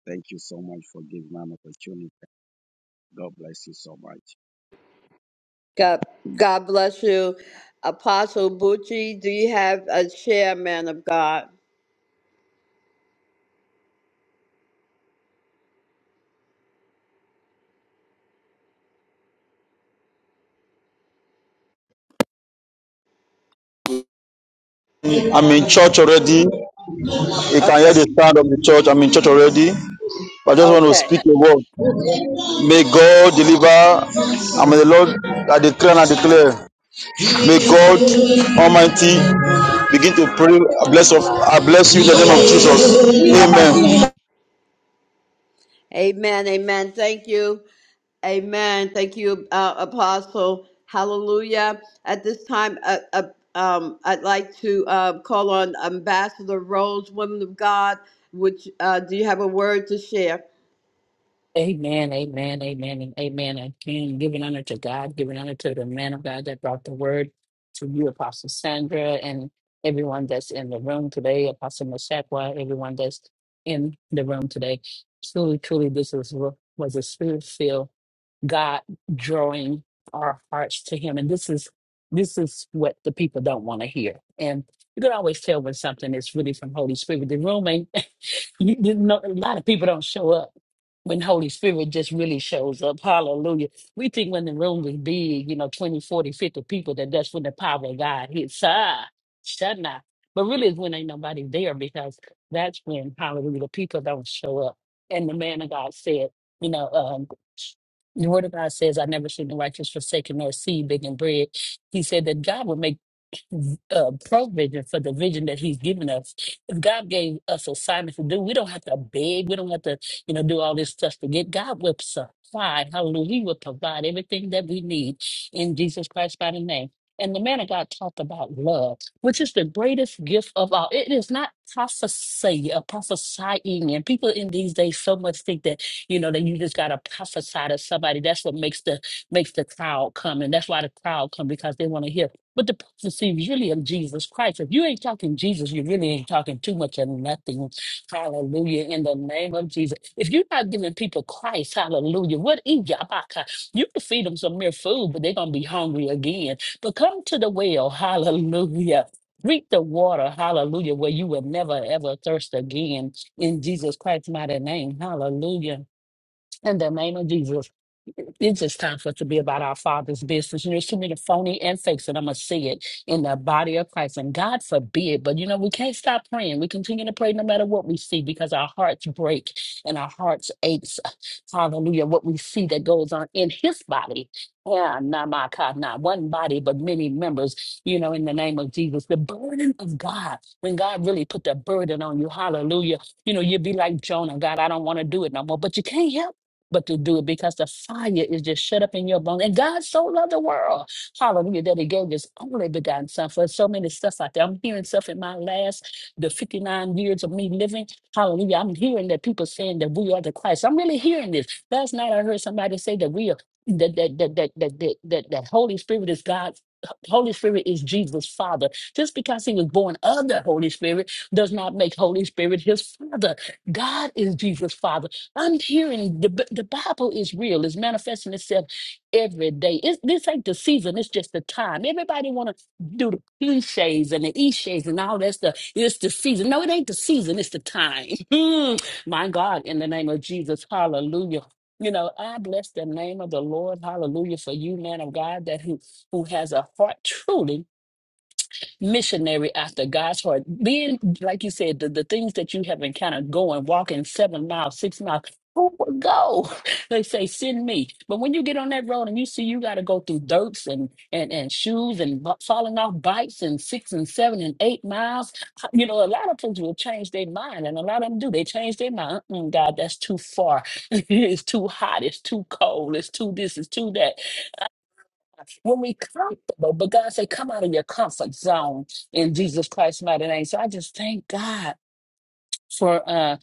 Thank you so much for giving me an opportunity. God bless you so much.
God, God bless you. Apostle Bucci, do you have a share, man of God?
I'm in church already. You can hear
Okay,
the sound of the church. I'm in church already. I just want to
okay.
speak a word. May God deliver and may the Lord I declare and I declare. May God Almighty begin to pray. I bless of I bless you in the name of Jesus. Amen.
Amen, amen. Thank you. Amen. Thank you, uh, Apostle. Hallelujah. At this time, uh, uh, um, I'd like to uh, call on Ambassador Rose, woman of God. Which uh, do you have a word to share?
Amen, amen, amen, and amen again. Giving honor to God, giving honor to the man of God that brought the word to you, Apostle Sandra, and everyone that's in the room today, Apostle Meshachwa, everyone that's in the room today. Truly, truly, this is, what was a spirit filled God drawing our hearts to Him, and this is this is what the people don't want to hear. And you can always tell when something is really from Holy Spirit. The room ain't you, you know, a lot of people don't show up when Holy Spirit just really shows up. Hallelujah. We think when the room is big, you know, 20, 40, 50 people, that that's when the power of God hits. Ah, shana. But really, it's when ain't nobody there because that's when, hallelujah, the people don't show up. And the man of God said, you know, um, the word of God says, I never seen the righteous forsaken nor seed begging bread. He said that God would make uh, provision for the vision that he's given us. If God gave us assignments to do, we don't have to beg. We don't have to, you know, do all this stuff to get. God will supply. Hallelujah. He will provide everything that we need in Jesus Christ by the name. And the man of God talked about love, which is the greatest gift of all. It is not prophecy, uh, prophesying. And people in these days so much think that, you know, that you just got to prophesy to somebody. That's what makes the makes the crowd come. And that's why the crowd come because they want to hear but the prophecy is really of Jesus Christ. If you ain't talking Jesus, you really ain't talking too much of nothing. Hallelujah. In the name of Jesus. If you're not giving people Christ, hallelujah, what eat yabaka? You can feed them some mere food, but they're gonna be hungry again. But come to the well, hallelujah. Drink the water, hallelujah, where you will never ever thirst again in Jesus Christ's mighty name. Hallelujah. In the name of Jesus. It's just time for us to be about our Father's business. And there's too many phony and fakes, and I'm going to see it in the body of Christ. And God forbid, but you know, we can't stop praying. We continue to pray no matter what we see because our hearts break and our hearts aches. Hallelujah. What we see that goes on in His body. Yeah, not my God, not one body, but many members, you know, in the name of Jesus. The burden of God, when God really put the burden on you, hallelujah, you know, you'd be like Jonah, God, I don't want to do it no more. But you can't help but to do it because the fire is just shut up in your bones. And God so loved the world, hallelujah, that He gave His only begotten Son for so many stuff out there. I'm hearing stuff in my last, the 59 years of me living, hallelujah. I'm hearing that people saying that we are the Christ. I'm really hearing this. Last night I heard somebody say that we are. That that, that that that that that that Holy Spirit is God. Holy Spirit is Jesus' Father. Just because He was born of the Holy Spirit does not make Holy Spirit His Father. God is Jesus' Father. I'm hearing the B- the Bible is real. It's manifesting itself every day. It's, this ain't the season. It's just the time. Everybody want to do the cliches and the cliches and all that stuff. It's the season. No, it ain't the season. It's the time. (laughs) Mm. My God, in the name of Jesus, Hallelujah. You know, I bless the name of the Lord, Hallelujah, for you, man of God, that who who has a heart truly missionary after God's heart. Being, like you said, the, the things that you have encountered going, walking seven miles, six miles, who would go? (laughs) They say, send me. But when you get on that road and you see you got to go through dirts and, and, and shoes and bu- falling off bikes and six and seven and eight miles, uh, you know, a lot of folks will change their mind and a lot of them do. They change their mind. Mm, God, that's too far. (laughs) it's too hot. It's too cold. It's too this. It's too that when we comfortable, but God say, come out of your comfort zone in Jesus Christ's mighty name. So I just thank God for uh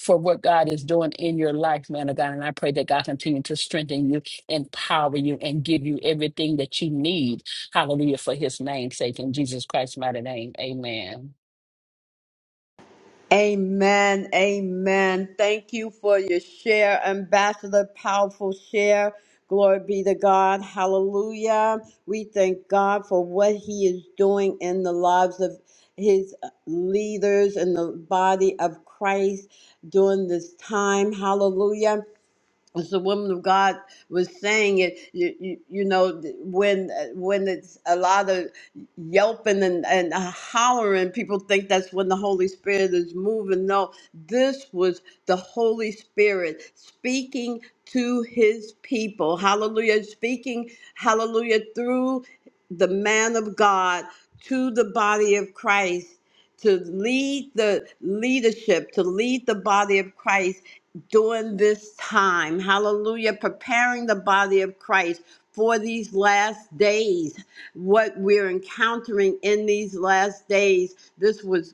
for what God is doing in your life, man of God. And I pray that God continue to strengthen you, empower you, and give you everything that you need. Hallelujah for his name's sake in Jesus Christ's mighty name. Amen.
Amen. Amen. Thank you for your share, Ambassador. Powerful share. Glory be to God. Hallelujah. We thank God for what He is doing in the lives of His leaders and the body of Christ during this time. Hallelujah as the woman of God was saying it, you, you, you know, when uh, when it's a lot of yelping and, and hollering, people think that's when the Holy Spirit is moving. No, this was the Holy Spirit speaking to his people. Hallelujah. Speaking, hallelujah, through the man of God to the body of Christ to lead the leadership, to lead the body of Christ during this time. Hallelujah. Preparing the body of Christ for these last days, what we're encountering in these last days. This was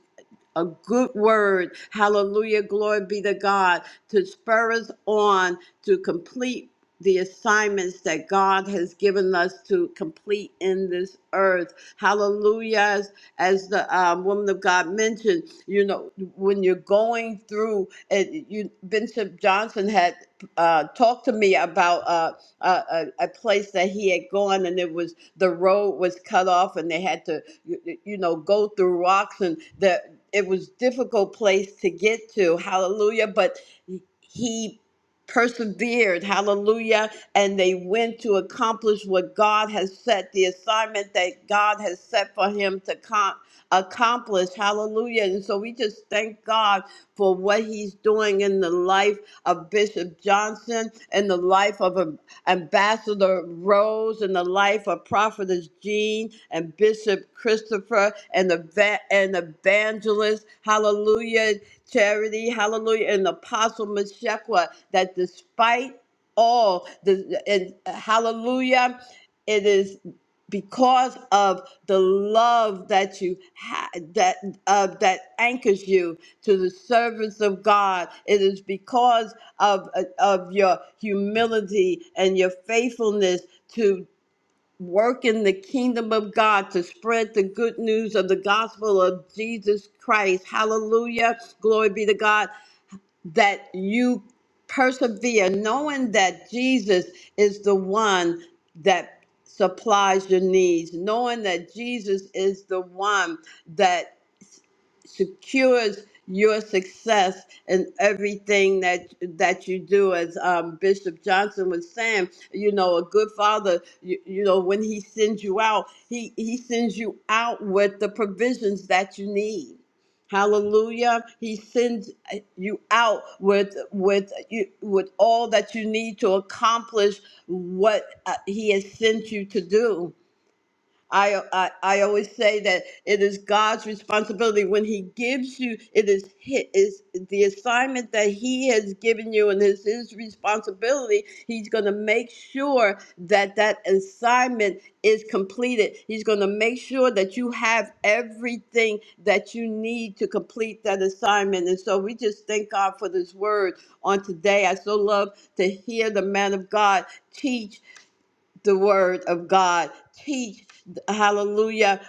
a good word. Hallelujah. Glory be to God to spur us on to complete the assignments that God has given us to complete in this earth. Hallelujah. As, as the um, woman of God mentioned, you know, when you're going through it, you, Bishop Johnson had uh, talked to me about uh, a, a, a place that he had gone and it was the road was cut off and they had to you you know go through rocks and the it was difficult place to get to hallelujah but he persevered hallelujah and they went to accomplish what God has set the assignment that God has set for him to com- accomplish hallelujah and so we just thank God for what he's doing in the life of Bishop Johnson and the life of Ambassador Rose and the life of Prophetess Jean and Bishop Christopher and the va- and evangelist, hallelujah, charity, hallelujah, and Apostle Meshekwa, that despite all the and hallelujah, it is because of the love that you ha- that uh, that anchors you to the service of God. It is because of of your humility and your faithfulness to work in the kingdom of God to spread the good news of the gospel of Jesus Christ. Hallelujah. Glory be to God that you persevere, knowing that Jesus is the one that supplies your needs, knowing that Jesus is the one that secures your success in everything that that you do as um, bishop johnson was saying you know a good father you, you know when he sends you out he he sends you out with the provisions that you need Hallelujah. He sends uh, you out with with you with all that you need to accomplish what uh, he has sent you to do. I, I I always say that it is God's responsibility when He gives you it is hi- is the assignment that He has given you and it's His responsibility. He's going to make sure that that assignment is completed. He's going to make sure that you have everything that you need to complete that assignment. And so we just thank God for this word on today. I so love to hear the man of God teach the word of God, teach, hallelujah,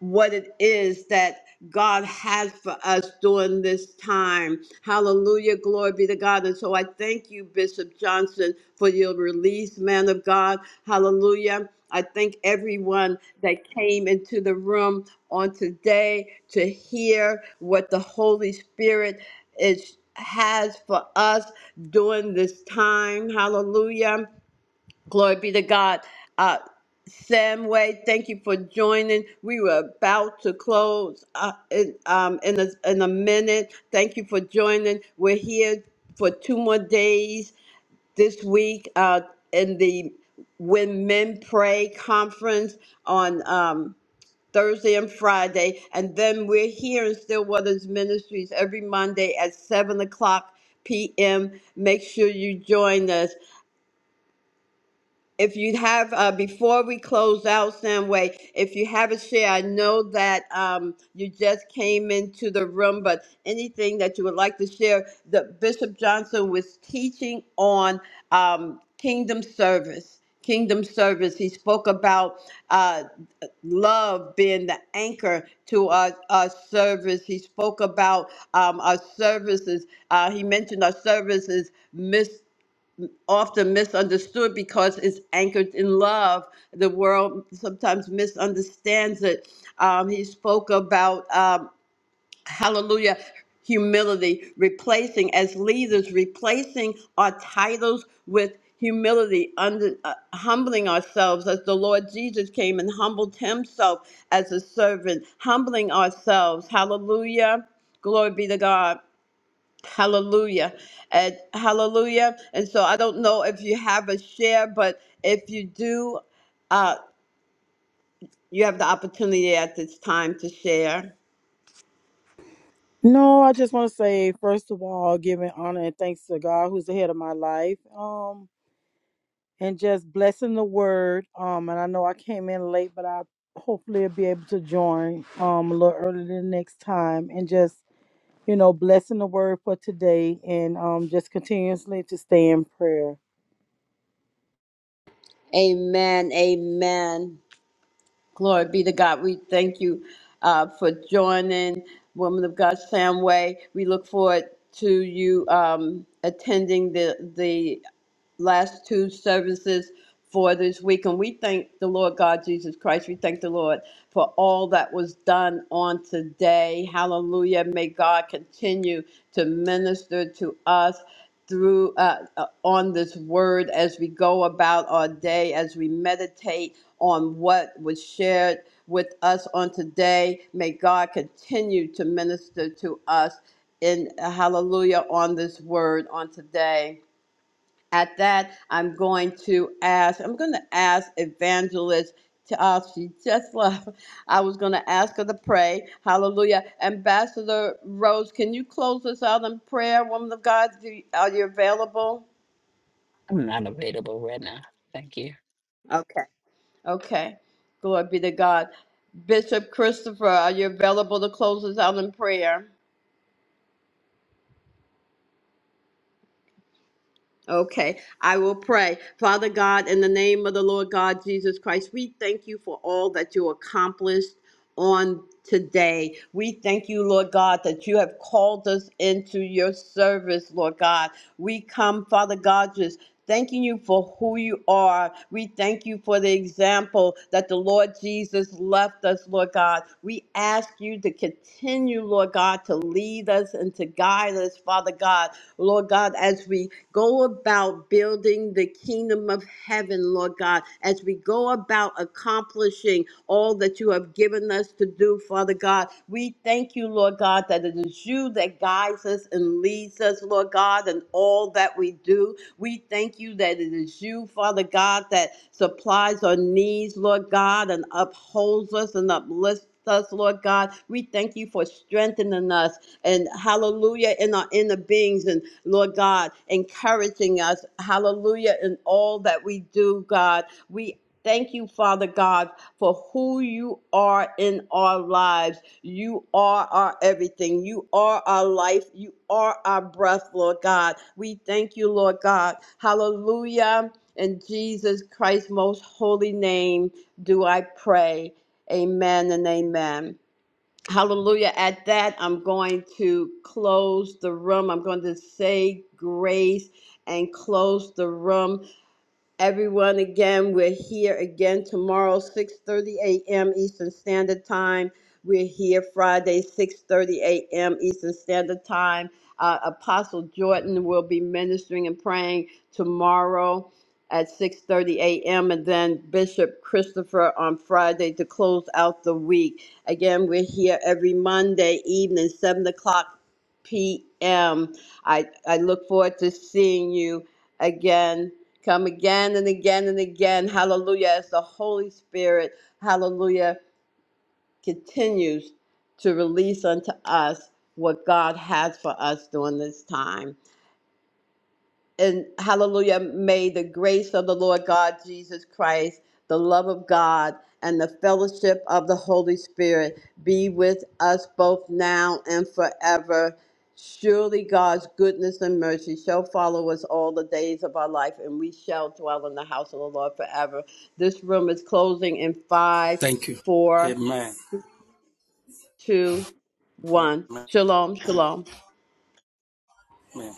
what it is that God has for us during this time. Hallelujah, glory be to God. And so I thank you, Bishop Johnson, for your release, man of God. Hallelujah. I thank everyone that came into the room on today to hear what the Holy Spirit is has for us during this time. Hallelujah. Glory be to God. Uh, Samway, thank you for joining. We were about to close uh, in, um, in, a, in a minute. Thank you for joining. We're here for two more days this week uh, in the When Men Pray conference on um, Thursday and Friday. And then we're here in Stillwater's Ministries every Monday at 7 o'clock p.m. Make sure you join us. If you have, uh, before we close out, Samway, if you have a share, I know that um, you just came into the room, but anything that you would like to share, the Bishop Johnson was teaching on um, kingdom service. Kingdom service. He spoke about uh, love being the anchor to our, our service. He spoke about um, our services. Uh, he mentioned our services often misunderstood because it's anchored in love. The world sometimes misunderstands it. Um, he spoke about, um, hallelujah, humility, replacing, as leaders, replacing our titles with humility, under, uh, humbling ourselves as the Lord Jesus came and humbled himself as a servant, humbling ourselves. Hallelujah. Glory be to God Hallelujah. And hallelujah. And so I don't know if you have a share, but if you do, uh, you have the opportunity at this time to share.
No, I just want to say, first of all, giving honor and thanks to God who's the head of my life. Um, and just blessing the word. Um, and I know I came in late, but I hopefully will be able to join um a little earlier the next time and just, you know, blessing the word for today and um just continuously to stay in prayer.
Amen. Amen. Glory be to God. We thank you uh, for joining Woman of God Samway. We look forward to you um, attending the, last two services for this week. And we thank the Lord God Jesus Christ. We thank the Lord for all that was done on today. Hallelujah. May God continue to minister to us through uh, uh, on this word as we go about our day, as we meditate on what was shared with us on today. May God continue to minister to us in hallelujah on this word on today. At that, I'm going to ask, I'm going to ask Evangelist, to, uh, she just (laughs) left. I was going to ask her to pray. Hallelujah. Ambassador Rose, can you close us out in prayer, woman of God? Do you, are you available?
I'm not available right now. Thank you.
Okay. Okay. Glory be to God. Bishop Christopher, are you available to close us out in prayer? Okay, I will pray. Father God, in the name of the Lord God Jesus Christ, we thank you for all that you accomplished on today. We thank you, Lord God, that you have called us into your service, Lord God. We come, Father God, just thanking you for who you are. We thank you for the example that the Lord Jesus left us, Lord God. We ask you to continue, Lord God, to lead us and to guide us, Father God. Lord God, as we go about building the kingdom of heaven, Lord God, as we go about accomplishing all that you have given us to do, Father God, we thank you, Lord God, that it is you that guides us and leads us, Lord God, in all that we do. We thank you that it is you, Father God, that supplies our needs, Lord God, and upholds us and uplifts us, Lord God. We thank you for strengthening us and hallelujah in our inner beings. And Lord God, encouraging us, hallelujah, in all that we do, God. We Thank you, Father God, for who you are in our lives. You are our everything. You are our life. You are our breath, Lord God. We thank you, Lord God. Hallelujah. In Jesus Christ's most holy name do I pray. Amen and amen. Hallelujah. At that, I'm going to close the room. I'm going to say grace and close the room everyone again. We're here again tomorrow, 6:30 a.m. Eastern Standard Time. We're here Friday, 6:30 a.m. Eastern Standard Time. Uh, Apostle Jordan will be ministering and praying tomorrow at 6:30 a.m. and then Bishop Christopher on Friday to close out the week. Again, we're here every Monday evening, 7 o'clock p.m. I, I look forward to seeing you again Come again and again and again. Hallelujah. As the Holy Spirit, hallelujah, continues to release unto us what God has for us during this time. And hallelujah, may the grace of the Lord God Jesus Christ, the love of God, and the fellowship of the Holy Spirit be with us both now and forever. Surely God's goodness and mercy shall follow us all the days of our life, and we shall dwell in the house of the Lord forever. This room is closing in five,
Thank you.
four,
Amen.
two, one.
Amen.
Shalom, shalom.
Amen.